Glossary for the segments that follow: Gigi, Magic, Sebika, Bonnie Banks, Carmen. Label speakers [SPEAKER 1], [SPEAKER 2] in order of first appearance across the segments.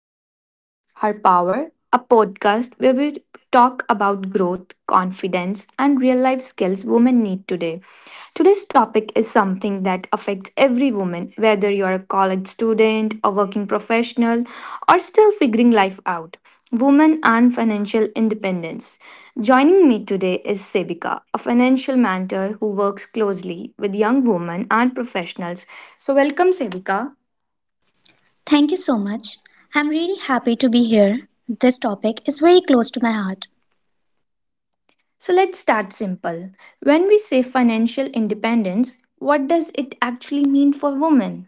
[SPEAKER 1] to Her Voice, Her Power, a podcast where we talk about growth, confidence, and real life skills women need today. Today's topic is something that affects every woman, whether you're a college student, a working professional, or still figuring life out. Women and financial independence. Joining me today is Sebika, a financial mentor who works closely with young women and professionals. So, welcome, Sebika.
[SPEAKER 2] Thank you so much. I'm really happy to be here. This topic is very close to my heart.
[SPEAKER 1] So let's start simple. When we say financial independence, what does it actually mean for women?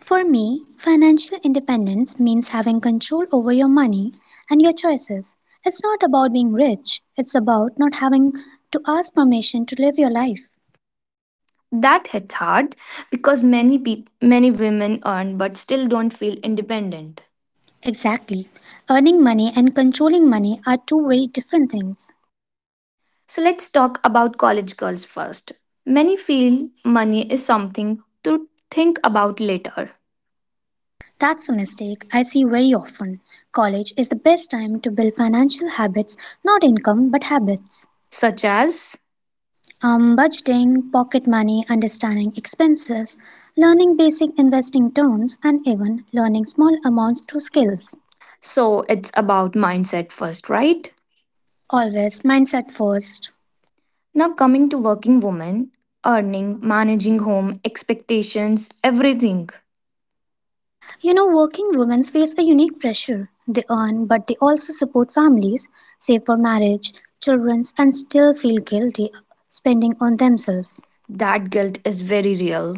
[SPEAKER 2] For me, financial independence means having control over your money and your choices. It's not about being rich, it's about not having to ask permission to live your life.
[SPEAKER 1] That hits hard because many women earn but still don't feel independent.
[SPEAKER 2] Exactly. Earning money and controlling money are two very different things.
[SPEAKER 1] So let's talk about college girls first. Many feel money is something to think about later,
[SPEAKER 2] That's a mistake I see very often. College is the best time to build financial habits, not income, but habits.
[SPEAKER 1] such as,
[SPEAKER 2] Budgeting, pocket money, understanding expenses, learning basic investing terms, and even learning small amounts through skills.
[SPEAKER 1] so it's about mindset first, right?
[SPEAKER 2] Always mindset first.
[SPEAKER 1] Now coming to working women, earning, managing home, expectations, everything.
[SPEAKER 2] You know, working women face a unique pressure. They earn, but they also support families, save for marriage, children, and still feel guilty spending on themselves.
[SPEAKER 1] That guilt is very real.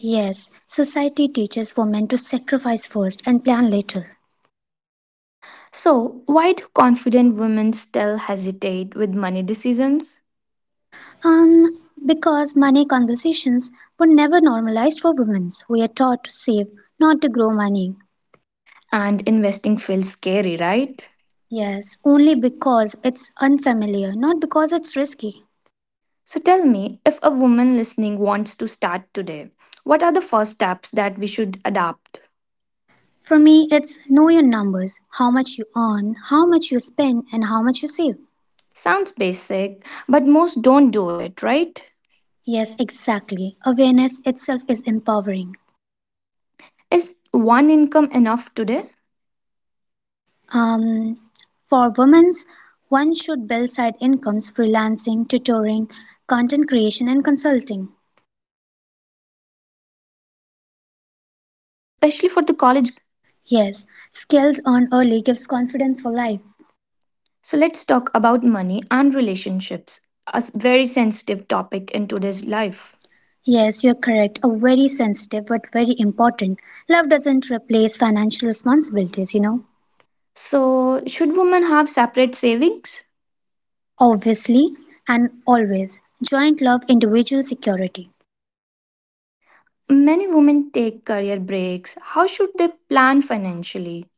[SPEAKER 2] Yes, society teaches women to sacrifice first and plan later.
[SPEAKER 1] So, why do confident women still hesitate with money decisions?
[SPEAKER 2] Um, because money conversations were never normalized for women. We are taught to save, not to grow money.
[SPEAKER 1] And investing feels scary, right?
[SPEAKER 2] Yes, only because it's unfamiliar, not because it's risky.
[SPEAKER 1] So, tell me, if a woman listening wants to start today, what are the first steps that we should adopt?
[SPEAKER 2] For me, it's know your numbers, how much you earn, how much you spend, and how much you save.
[SPEAKER 1] Sounds basic, but most don't do it, right?
[SPEAKER 2] Yes, exactly. Awareness itself is empowering.
[SPEAKER 1] Is one income enough today?
[SPEAKER 2] Um, for women, one should build side incomes, freelancing, tutoring, content creation, and consulting.
[SPEAKER 1] Oh, yes, absolutely, especially for the college girls.
[SPEAKER 2] Yes, skills earned early gives confidence for life.
[SPEAKER 1] So let's talk about money and relationships, very sensitive topic in today's life.
[SPEAKER 2] Yes, you're correct. A very sensitive but very important. Love doesn't replace financial responsibilities.
[SPEAKER 1] So, should women have separate savings?
[SPEAKER 2] Obviously and always. Joint love, individual security.
[SPEAKER 1] Many women take career breaks. How should they plan financially?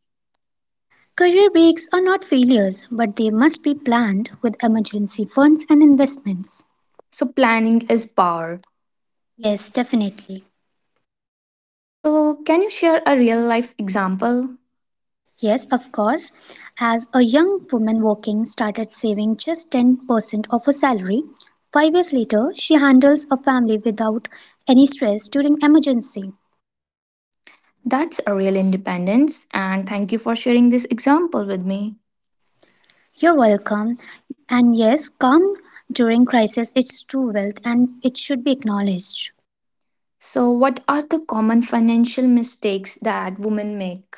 [SPEAKER 2] Career breaks are not failures, but they must be planned with emergency funds and investments.
[SPEAKER 1] So, planning is power.
[SPEAKER 2] Yes, definitely.
[SPEAKER 1] So, can you share a real life example?
[SPEAKER 2] Yes, of course. As a young woman working started saving just 10% of her salary, 5 years later, she handles a family without any stress during emergency.
[SPEAKER 1] That's a real independence, and thank you for sharing this example with me.
[SPEAKER 2] You're welcome. And yes, calm during crisis is true wealth, and it should be acknowledged.
[SPEAKER 1] So, what are the common financial mistakes that women make?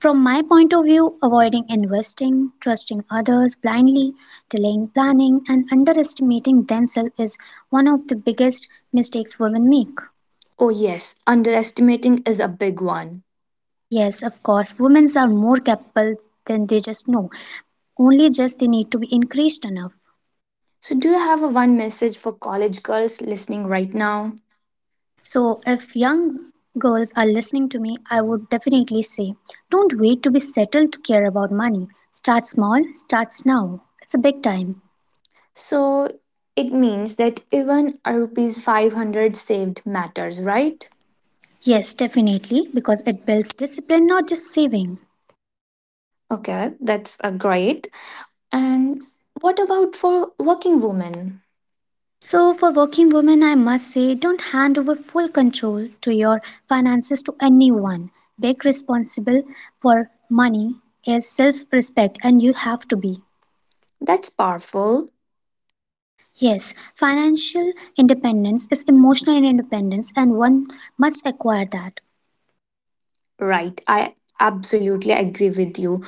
[SPEAKER 2] From my point of view, avoiding investing, trusting others blindly, delaying planning, and underestimating themselves is one of the biggest mistakes women make.
[SPEAKER 1] Oh, yes, underestimating is a big one.
[SPEAKER 2] Yes, of course, women are more capable than they just know. Only just they need to be increased enough.
[SPEAKER 1] So, do you have a one message for college girls listening right now?
[SPEAKER 2] So, if young girls are listening to me, I would definitely say don't wait to be settled to care about money. Start small, starts now. It's a big time.
[SPEAKER 1] So, it means that even a rupees 500 saved matters, right?
[SPEAKER 2] Yes, definitely, because it builds discipline, not just saving.
[SPEAKER 1] Okay, that's a great. And what about for working women?
[SPEAKER 2] So, for working women, I must say, don't hand over full control to your finances to anyone. Being responsible for money is self respect, and you have to be.
[SPEAKER 1] That's powerful,
[SPEAKER 2] Yes, financial independence is emotional independence, and one must acquire that.
[SPEAKER 1] right? I absolutely agree with you.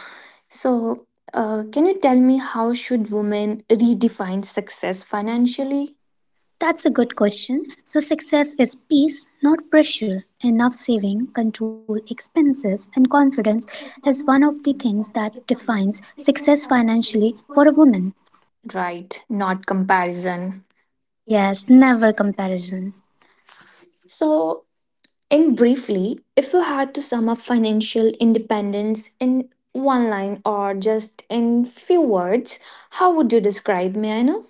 [SPEAKER 1] So, can you tell me, how should women redefine success financially?
[SPEAKER 2] That's a good question. So, success is peace, not pressure. Enough saving, control expenses, and confidence is one of the things that defines success financially for a woman.
[SPEAKER 1] Right, not comparison.
[SPEAKER 2] Yes, never comparison.
[SPEAKER 1] So, and briefly, if you had to sum up financial independence in one line or just in few words, how would you describe me? I know.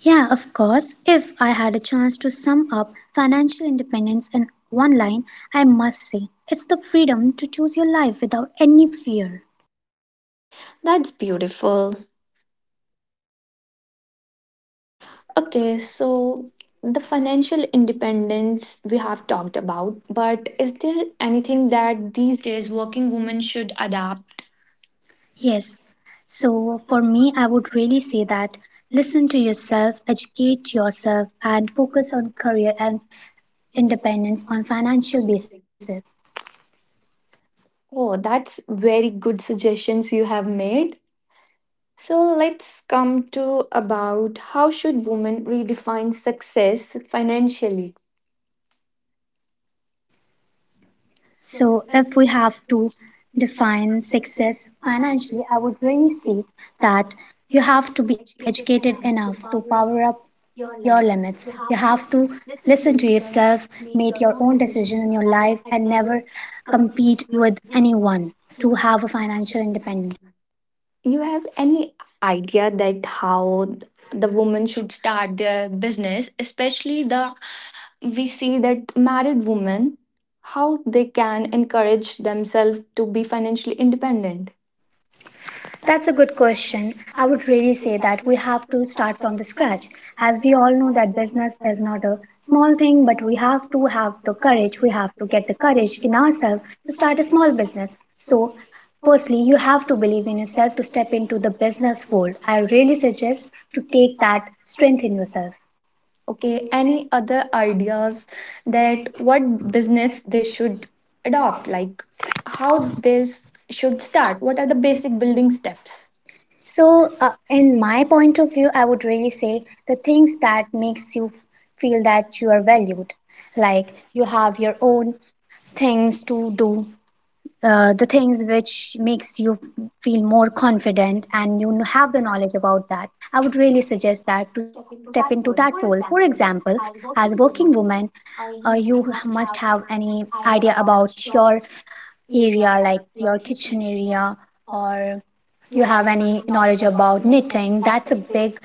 [SPEAKER 2] Yeah, of course. If I had a chance to sum up financial independence in one line, I must say it's the freedom to choose your life without any fear.
[SPEAKER 1] That's beautiful. Okay, so the financial independence we have talked about, but is there anything that these days working women should adapt?
[SPEAKER 2] Yes. So for me, I would really say that listen to yourself, educate yourself, and focus on career and independence on financial basis.
[SPEAKER 1] Oh, that's very good suggestions you have made. So let's come to about how should women redefine success financially?
[SPEAKER 2] So, if we have to define success financially, I would really say that you have to be educated enough to power up your limits. You have to listen to yourself, make your own decision in your life, and never compete with anyone to have a financial independence.
[SPEAKER 1] You have any idea that how the woman should start their business, especially the, we see that married women, how they can encourage themselves to be financially independent?
[SPEAKER 2] That's a good question. I would really say that we have to start from the scratch. As we all know that business is not a small thing, but we have to have the courage. We have to get the courage in ourselves to start a small business. So, firstly, you have to believe in yourself to step into the business world. I really suggest to take that strength in yourself.
[SPEAKER 1] Okay, any other ideas that what business they should adopt, like how this should start, what are the basic building steps?
[SPEAKER 2] So, in my point of view, I would really say the things that makes you feel that you are valued, like you have your own things to do, the things which makes you feel more confident and you have the knowledge about that. I would really suggest that to step into that role. For example, as a working woman, you must have any idea about your area, like your kitchen area, or you have any knowledge about knitting. That's a big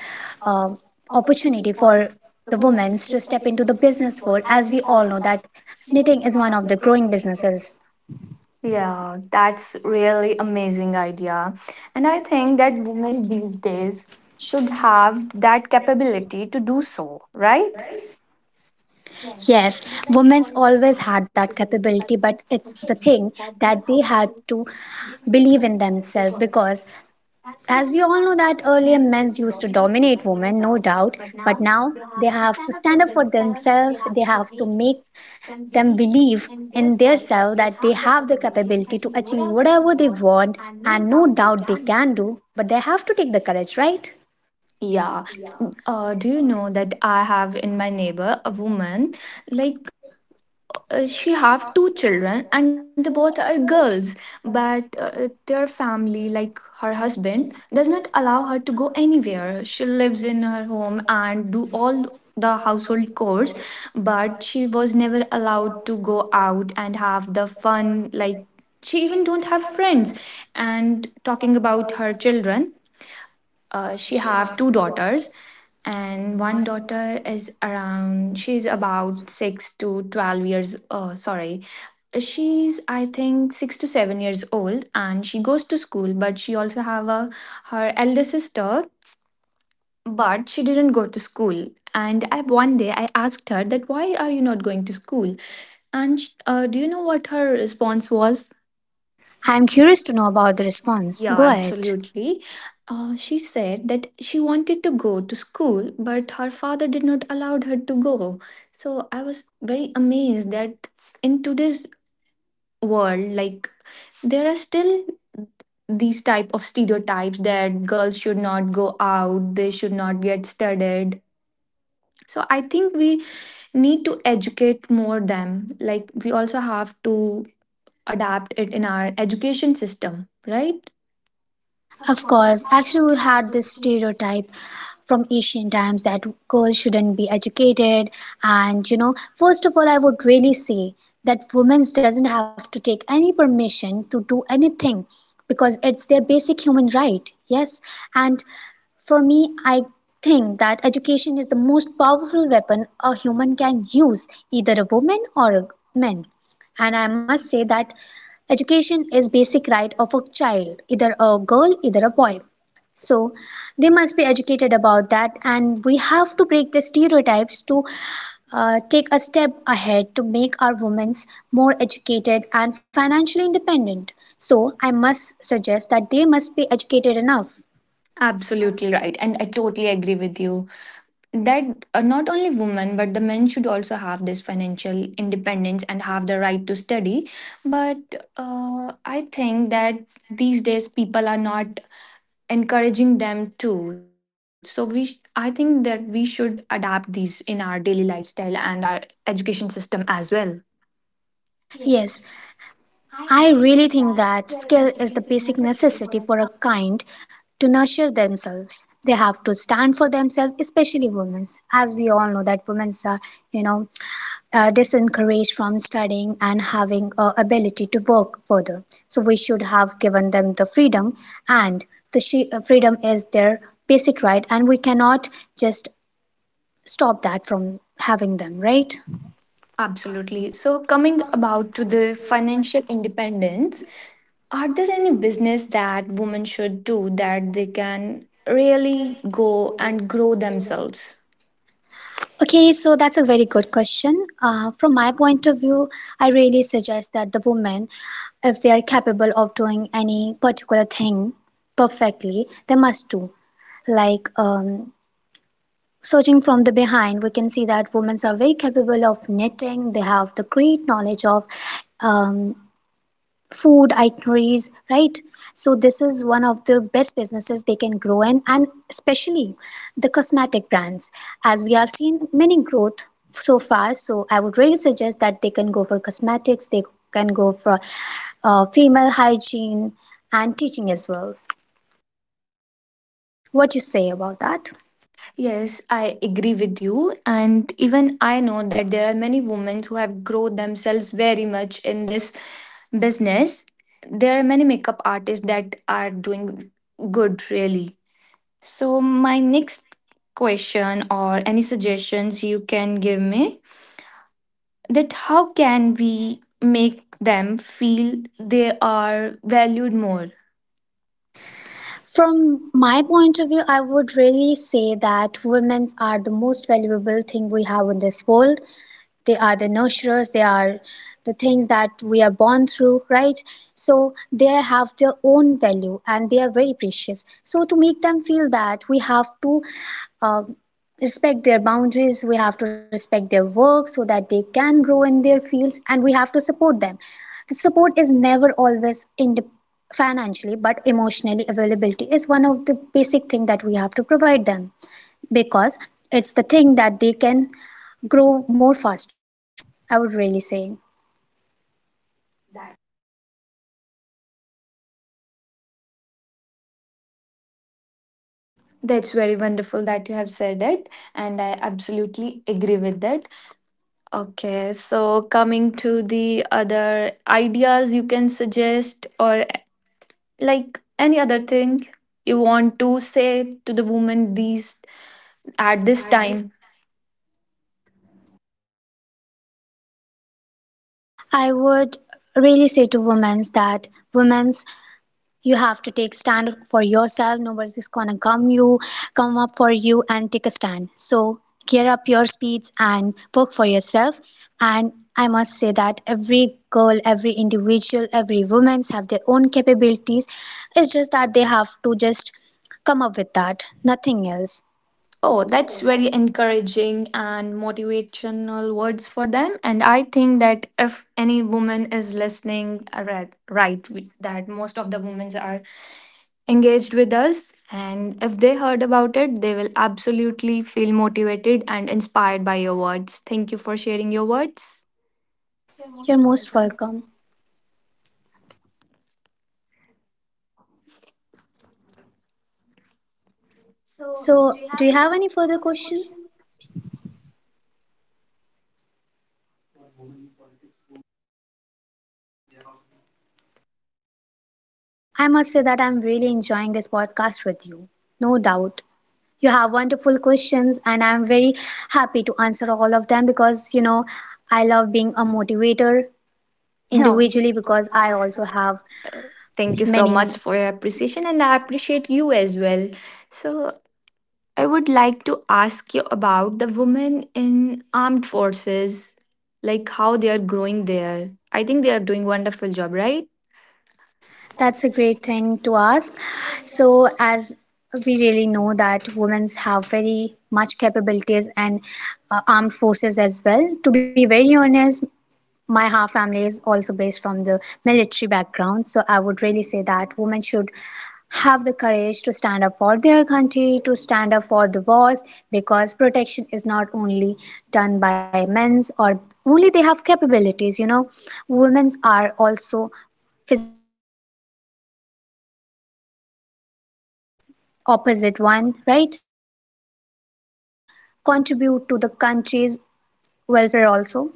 [SPEAKER 2] uh, opportunity for the women to step into the business world, as we all know that knitting is one of the growing businesses.
[SPEAKER 1] Yeah, that's really amazing idea. And I think that women these days should have that capability to do so, right?
[SPEAKER 2] Yes, women's always had that capability, but it's the thing that they had to believe in themselves because, as we all know, that earlier men used to dominate women, no doubt, but now they have to stand up for themselves, they have to make them believe in their self that they have the capability to achieve whatever they want, and no doubt they can do, but they have to take the courage, right?
[SPEAKER 1] Yeah. Do you know that I have in my neighbor a woman, like, she have two children and they both are girls, but their family, like her husband does not allow her to go anywhere. She lives in her home and do all the household chores, but she was never allowed to go out and have the fun. Like, she even don't have friends. And talking about her children, she have two daughters, and one daughter is around, she's about 6 to 12 years, oh sorry, she's, I think, 6 to 7 years old, and she goes to school. But she also have a, her elder sister, but she didn't go to school. And I one day I asked her that why are you not going to school. And do you know what her response was?
[SPEAKER 2] I'm curious to know about the response.
[SPEAKER 1] Yeah,
[SPEAKER 2] Go ahead.
[SPEAKER 1] absolutely. She said that she wanted to go to school, but her father did not allow her to go. So I was very amazed that in today's world, like, there are still these type of stereotypes that girls should not go out, they should not get studied. So I think we need to educate more them. Like, we also have to adapt it in our education system, right?
[SPEAKER 2] Of course, actually, we had this stereotype from ancient times that girls shouldn't be educated. And you know, first of all, I would really say that women doesn't have to take any permission to do anything because it's their basic human right. Yes, and for me, I think that education is the most powerful weapon a human can use, either a woman or a man. And I must say that education is basic right of a child, either a girl, either a boy. So they must be educated about that, and we have to break the stereotypes to take a step ahead to make our women more educated and financially independent. So I must suggest that they must be educated enough.
[SPEAKER 1] Absolutely right. And I totally agree with you that not only women, but the men should also have this financial independence and have the right to study. But I think that these days people are not encouraging them too. So I think that we should adapt these in our daily lifestyle and our education system as well.
[SPEAKER 2] Yes, I really think that skill is the basic necessity for a kind to nurture themselves. They have to stand for themselves, especially women, as we all know that women are, you know, disencouraged from studying and having ability to work further. So we should have given them the freedom, and the freedom is their basic right, and we cannot just stop that from having them, right?
[SPEAKER 1] Absolutely. So coming about to the financial independence, are there any business that women should do that they can really go and grow themselves?
[SPEAKER 2] Okay, so that's a very good question. From my point of view, I really suggest that the women, if they are capable of doing any particular thing perfectly, they must do. Like searching from the behind, we can see that women are very capable of knitting. They have the great knowledge of um, food itineraries, right? So this is one of the best businesses they can grow in, and especially the cosmetic brands, as we have seen many growth so far. So I would really suggest that they can go for cosmetics, they can go for female hygiene and teaching as well. What you say about that?
[SPEAKER 1] Yes, I agree with you. And even I know that there are many women who have grown themselves very much in this business. There are many makeup artists that are doing good, really. So, my next question, or any suggestions you can give me, that how can we make them feel they are valued more?
[SPEAKER 2] From my point of view, I would really say that women are the most valuable thing we have in this world. They are the nurturers, they are the things that we are born through, right? So they have their own value and they are very precious, so to make them feel that, we have to uh, respect their boundaries, we have to respect their work so that they can grow in their fields, and we have to support them. The support is never always in financially, but emotionally availability is one of the basic thing that we have to provide them, because it's the thing that they can grow more faster, I would really say.
[SPEAKER 1] That's very wonderful that you have said it, and I absolutely agree with that. Okay, so coming to the other ideas you can suggest, or like any other thing you want to say to the woman these, at this time.
[SPEAKER 2] I would really say to women that women, you have to take stand for yourself. Nobody's gonna come, you come up for you and take a stand. So gear up your speeds and work for yourself. And I must say that every girl, every individual, every woman's have their own capabilities. It's just that they have to just come up with that, nothing else.
[SPEAKER 1] Oh, that's very encouraging and motivational words for them. And I think that if any woman is listening, that most of the women are engaged with us. And if they heard about it, they will absolutely feel motivated and inspired by your words. Thank you for sharing your words.
[SPEAKER 2] You're most welcome. So, do you have any further questions? I must say that I'm really enjoying this podcast with you. No doubt. You have wonderful questions, and I'm very happy to answer all of them because I love being a motivator
[SPEAKER 1] No. Usually
[SPEAKER 2] individually
[SPEAKER 1] because
[SPEAKER 2] because
[SPEAKER 1] I
[SPEAKER 2] I
[SPEAKER 1] also
[SPEAKER 2] also
[SPEAKER 1] have.
[SPEAKER 2] have
[SPEAKER 1] Thank you so
[SPEAKER 2] many.
[SPEAKER 1] much for your appreciation, and I appreciate you as well. So, I would like to ask you about the women in armed forces, like how they are growing there. I think they are doing wonderful job, right?
[SPEAKER 2] That's a great thing to ask. So, as we really know that women have very much capabilities and armed forces as well. To be very honest, my half family is also based from the military background, so I would really say that women should have the courage to stand up for their country, to stand up for the wars, because protection is not only done by men's or only they have capabilities. Women's are also physically fit, they are physically capable of fighting the opposite one, right? So they should contribute to the country's welfare also.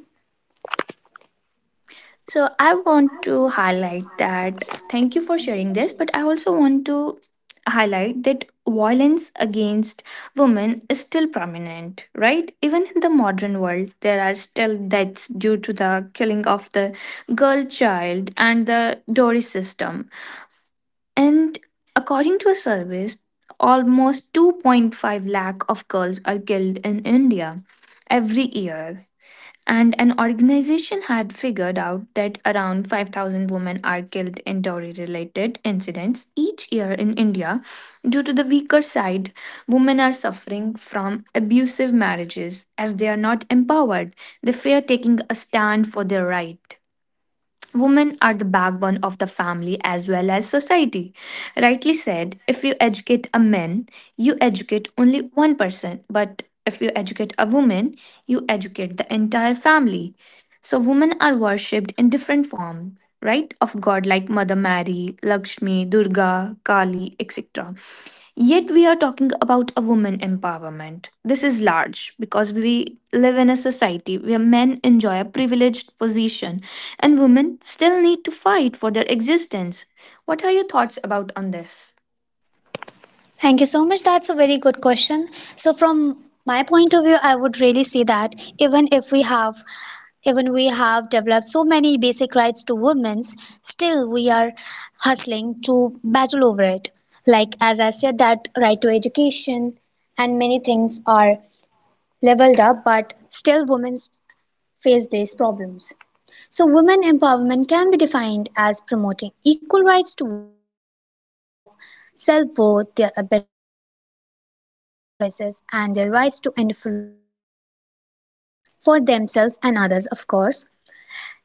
[SPEAKER 1] So I want to highlight that. Thank you for sharing this, but I also want to highlight that violence against women is still prominent, right? Even in the modern world, there are still deaths due to the killing of the girl child and the dowry system. And according to a service, almost 2.5 lakh of girls are killed in India every year. And an organization had figured out that around 5,000 women are killed in dowry related incidents each year in India. Due to the weaker side, women are suffering from abusive marriages as they are not empowered. They fear taking a stand for their right. Women are the backbone of the family as well as society. Rightly said, if you educate a man, you educate only one person, but if you educate a woman, you educate the entire family. So women are worshipped in different forms, right? Of God, like Mother Mary, Lakshmi, Durga, Kali, etc. Yet we are talking about a woman empowerment. This is large because we live in a society where men enjoy a privileged position and women still need to fight for their existence. What are your thoughts about on this?
[SPEAKER 2] Thank you so much. That's a very good question. So from my point of view, I would really say that even if we have even we have developed so many basic rights to women's, still we are hustling to battle over it. Like as I said that right to education and many things are leveled up, but still women face these problems. So, women empowerment can be defined as promoting equal rights to women, their senses of self worth, their ability to determine their own choices, and their rights to influence social change for themselves and others, of course.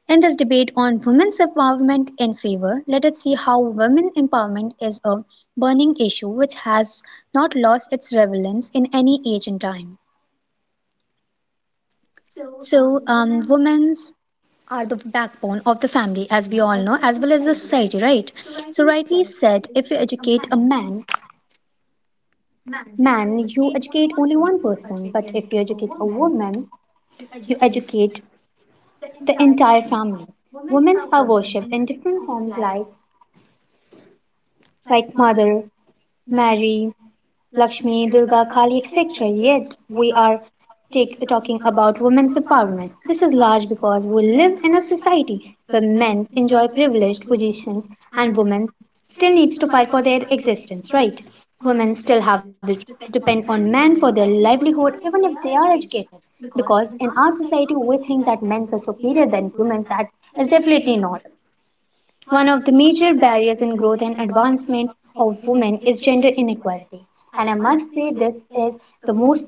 [SPEAKER 2] In this debate on women's empowerment in favor, let us see how women empowerment is a burning issue which has not lost its relevance in any age and time. So, women's are the backbone of the family, as we all know, as well as the society, right? So, rightly said, if you educate a man, you educate only one person, but if you educate a woman, you educate the entire family. Women are worshipped in different forms like Mother Mary, Lakshmi, Durga, Kali, etc. Yet we are talking about women's empowerment. This is large because we live in a society where men enjoy privileged positions and women still needs to fight for their existence, right? Women still have to depend on men for their livelihood even if they are educated. Because in our society we think that men are superior than women. That is definitely not. One of the major barriers in growth and advancement of women is gender inequality. And I must say this is the most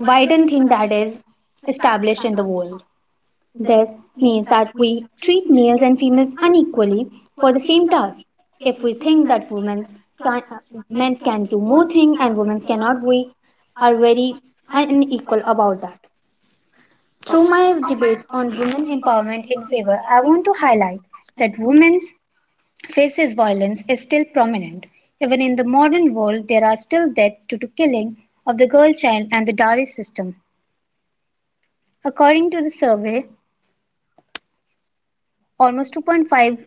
[SPEAKER 2] widened thing that is established in the world. This means that we treat males and females unequally for the same task. If we think that women can, uh, men can do more things and women cannot, we are very unequal about that.
[SPEAKER 1] So
[SPEAKER 2] Through
[SPEAKER 1] my
[SPEAKER 2] my debate
[SPEAKER 1] debates
[SPEAKER 2] on
[SPEAKER 1] on women
[SPEAKER 2] women
[SPEAKER 1] empowerment
[SPEAKER 2] empowerment
[SPEAKER 1] in
[SPEAKER 2] in favor,
[SPEAKER 1] favor, I
[SPEAKER 2] I
[SPEAKER 1] want
[SPEAKER 2] want to
[SPEAKER 1] to
[SPEAKER 2] highlight
[SPEAKER 1] highlight.
[SPEAKER 2] that women's faces violence is still prominent; even in the modern world there are still deaths due to killing of the girl child and the dowry system. According to the survey, almost 2.5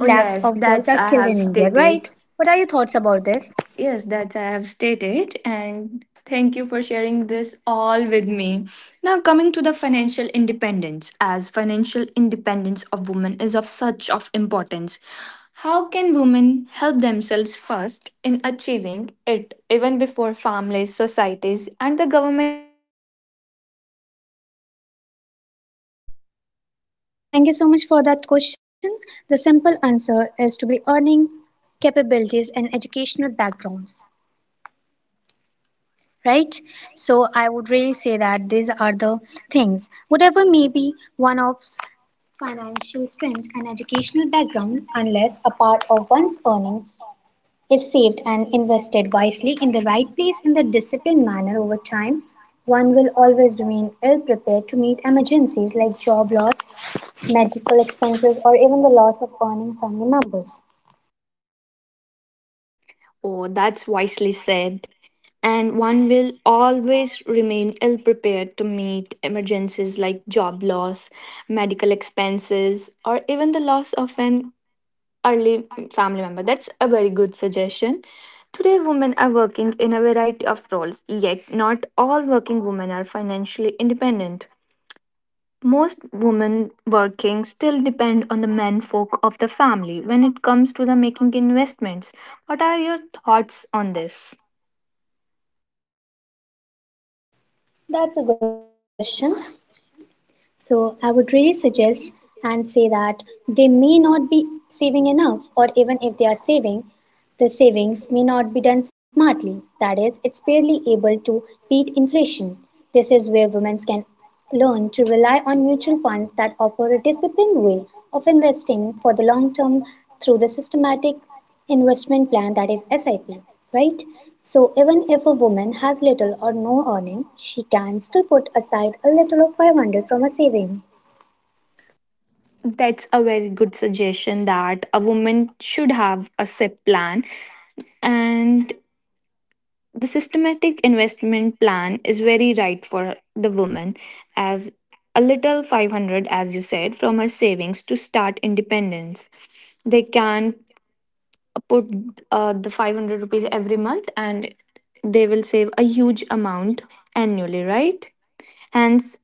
[SPEAKER 1] Oh yes,
[SPEAKER 2] of girls
[SPEAKER 1] that's
[SPEAKER 2] are
[SPEAKER 1] I
[SPEAKER 2] killed
[SPEAKER 1] have
[SPEAKER 2] in India,
[SPEAKER 1] stated.
[SPEAKER 2] right? What are your thoughts about this?
[SPEAKER 1] Yes, that I have stated, and thank you for sharing this all with me. Now, coming to the financial independence, as financial independence of women is of such of importance, how can women help themselves first in achieving it, even before families, societies, and the government step in?
[SPEAKER 2] Thank you so much for that question. The simple answer is to be earning capabilities and educational backgrounds, right? So I would really say that these are the things. Whatever may be one of financial strength and educational background, unless a part of one's earning is saved and invested wisely in the right place in the disciplined manner over time, one will always remain ill prepared to meet emergencies like job loss, medical expenses, or even the loss of earning family members.
[SPEAKER 1] Oh, that's wisely said. And one will always remain ill prepared to meet emergencies like job loss, medical expenses, or even the loss of an early family member. That's a very good suggestion. Today, women are working in a variety of roles, yet, not all working women are financially independent. Most women working still depend on the men folk of the family when it comes to the making investments. What are your thoughts on this?
[SPEAKER 2] That's a good question. So I would really suggest and say that they may not be saving enough, or even if they are saving, the savings may not be done smartly. That is, it's barely able to beat inflation. This is where women can learn to rely on mutual funds that offer a disciplined way of investing for the long term through the systematic investment plan, that is SIP, right? So, even if a woman has little or no earning, she can still put aside a little of 500 from a saving.
[SPEAKER 1] That's a very good suggestion that a woman should have a SIP plan. And the systematic investment plan is very right for the woman, as a little 500, as you said, from her savings to start independence. They can put the 500 rupees every month and they will save a huge amount annually, right? And s-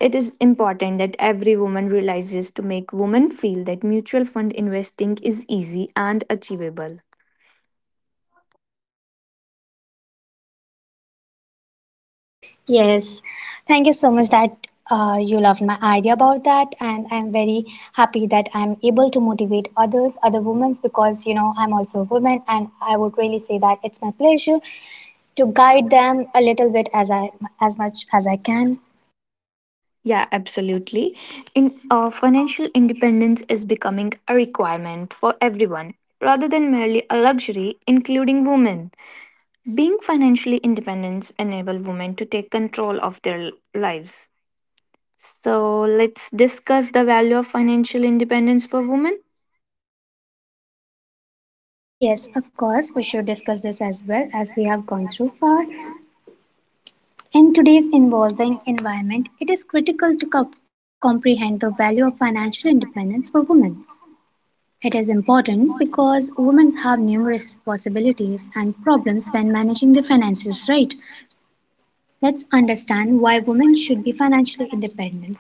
[SPEAKER 1] it is important that every woman realizes to make women feel that mutual fund investing is easy and achievable.
[SPEAKER 2] Yes, thank you so much that you loved my idea about that, and I'm very happy that I'm able to motivate others, other women, because you know I'm also a woman, and I would really say that it's my pleasure to guide them a little bit as much as I can.
[SPEAKER 1] Yeah, absolutely. In financial independence is becoming a requirement for everyone rather than merely a luxury, including women. Being financially independent enable women to take control of their lives. So let's discuss the value of financial independence for women.
[SPEAKER 2] Yes, of course, we should discuss this as well as we have gone through far. In today's evolving environment, it is critical to comprehend the value of financial independence for women. It is important because women have numerous possibilities and problems when managing their finances right. Let's understand why women should be financially independent,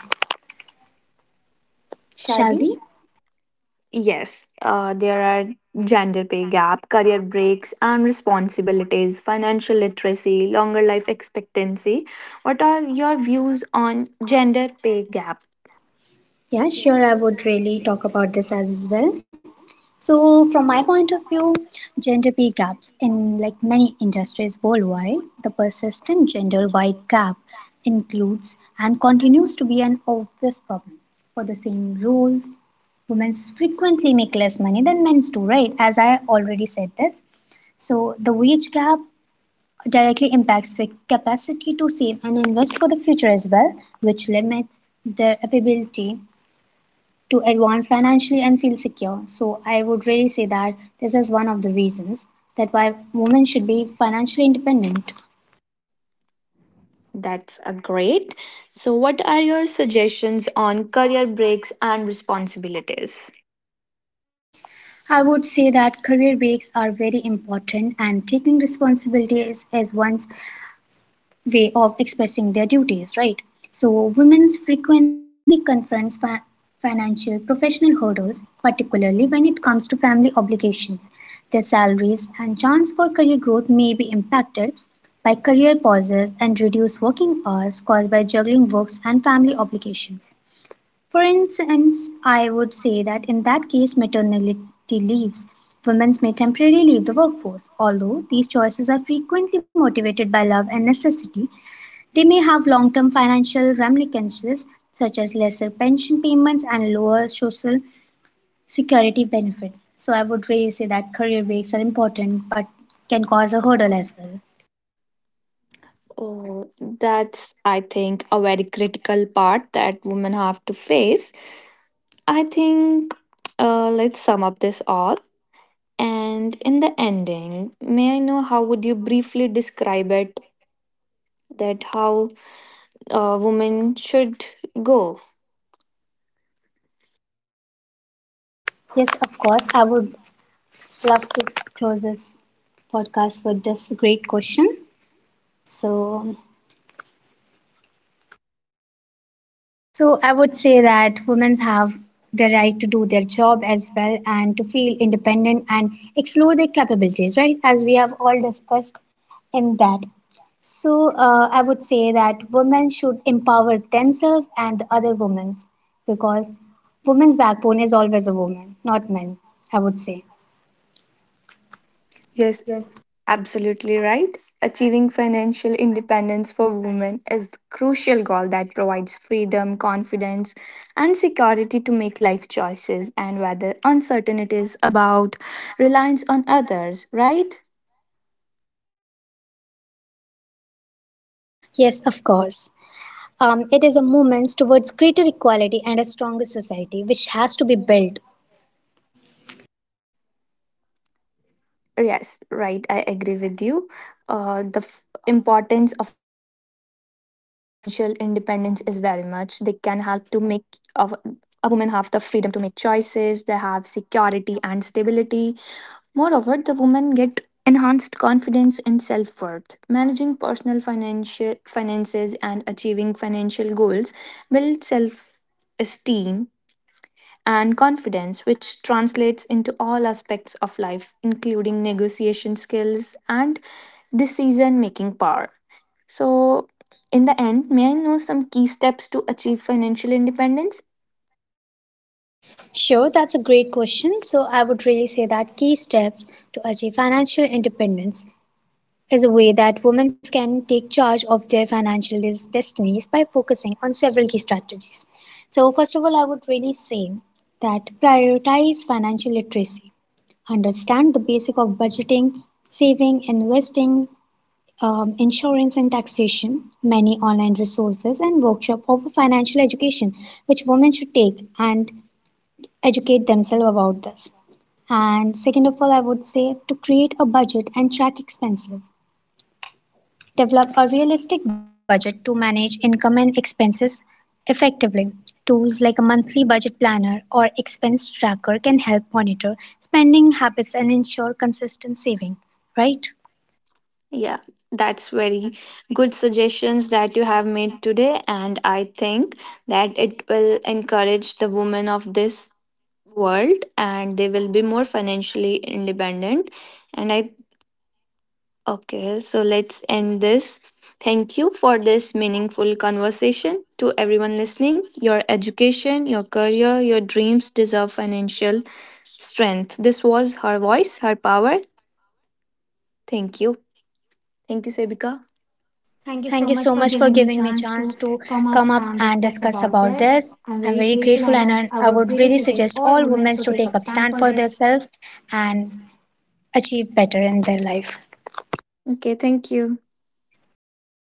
[SPEAKER 2] shall we?
[SPEAKER 1] Yes, there are gender pay gap, career breaks, and responsibilities, financial literacy, longer life expectancy. What are your views on gender pay gap?
[SPEAKER 2] Yeah, sure. I would really talk about this as well. So, from my point of view, gender pay gaps in like many industries worldwide, the persistent gender-wide gap includes and continues to be an obvious problem. For the same roles, women frequently make less money than men do, right? As I already said this. So the wage gap directly impacts the capacity to save and invest for the future as well, which limits their ability to advance financially and feel secure. So I would really say that this is one of the reasons that why women should be financially independent.
[SPEAKER 1] That's a great. So, what are your suggestions on career breaks and responsibilities?
[SPEAKER 2] I would say that career breaks are very important and taking responsibility is one's way of expressing their duties, right? So women frequently confront financial professional hurdles, particularly when it comes to family obligations. Their salaries and chance for career growth may be impacted by career pauses and reduced working hours caused by juggling works and family obligations. For instance, I would say that in that case, maternity leaves. Women may temporarily leave the workforce, although these choices are frequently motivated by love and necessity, they may have long term financial ramifications, such as lesser pension payments and lower social security benefits. So, I would really say that career breaks are important but can cause a hurdle as well.
[SPEAKER 1] Oh, that's, I think, a very critical part that women have to face. I think, let's sum up this all. And in the ending, may I know how would you briefly describe it, that how a woman should go?
[SPEAKER 2] Yes, of course, I would love to close this podcast with this great question. So, So, I would say that women have the right to do their job as well and to feel independent and explore their capabilities, right? As we have all discussed in that. So I would say that women should empower themselves and the other women because women's backbone is always a woman, not men, I would say.
[SPEAKER 1] Yes,
[SPEAKER 2] Yes.
[SPEAKER 1] absolutely right. Achieving financial independence for women is crucial goal that provides freedom, confidence, and security to make life choices and whether uncertainties about reliance on others, right?
[SPEAKER 2] Yes, of course. It is a movement towards greater equality and a stronger society, which has to be built.
[SPEAKER 1] Yes, right. I agree with you. The importance of financial independence is very much. They can help to make of a woman have the freedom to make choices. They have security and stability. Moreover, the women get enhanced confidence and self worth. Managing personal financial finances and achieving financial goals build self esteem and confidence, which translates into all aspects of life, including negotiation skills and decision making power. So, in the end, may I know some key steps to achieve financial independence?
[SPEAKER 2] Sure, that's a great question. So, I would really say that key steps to achieve financial independence is a way that women can take charge of their financial destinies by focusing on several key strategies. So, first of all, I would really say that prioritize financial literacy. Understand the basic of budgeting, saving, investing, insurance, and taxation. Many online resources and workshop offer financial education, which women should take and educate themselves about this. And second of all, I would say to create a budget and track expenses. Develop a realistic budget to manage income and expenses effectively. Tools like a monthly budget planner or expense tracker can help monitor spending habits and ensure consistent saving, right?
[SPEAKER 1] Yeah, that's very good suggestions that you have made today, and I think that it will encourage the women of this world and they will be more financially independent, and I. Okay, so let's end this. Thank you for this meaningful conversation. To everyone listening, your education, your career, your dreams deserve financial strength. This was Her Voice, Her Power. Thank you. Thank you, Sebika.
[SPEAKER 2] Thank you so much for giving me a chance to come up and discuss about this. I'm very grateful and I would really suggest all women to take up stand for themselves and achieve better in their life.
[SPEAKER 1] Okay, thank you.
[SPEAKER 2] Okay,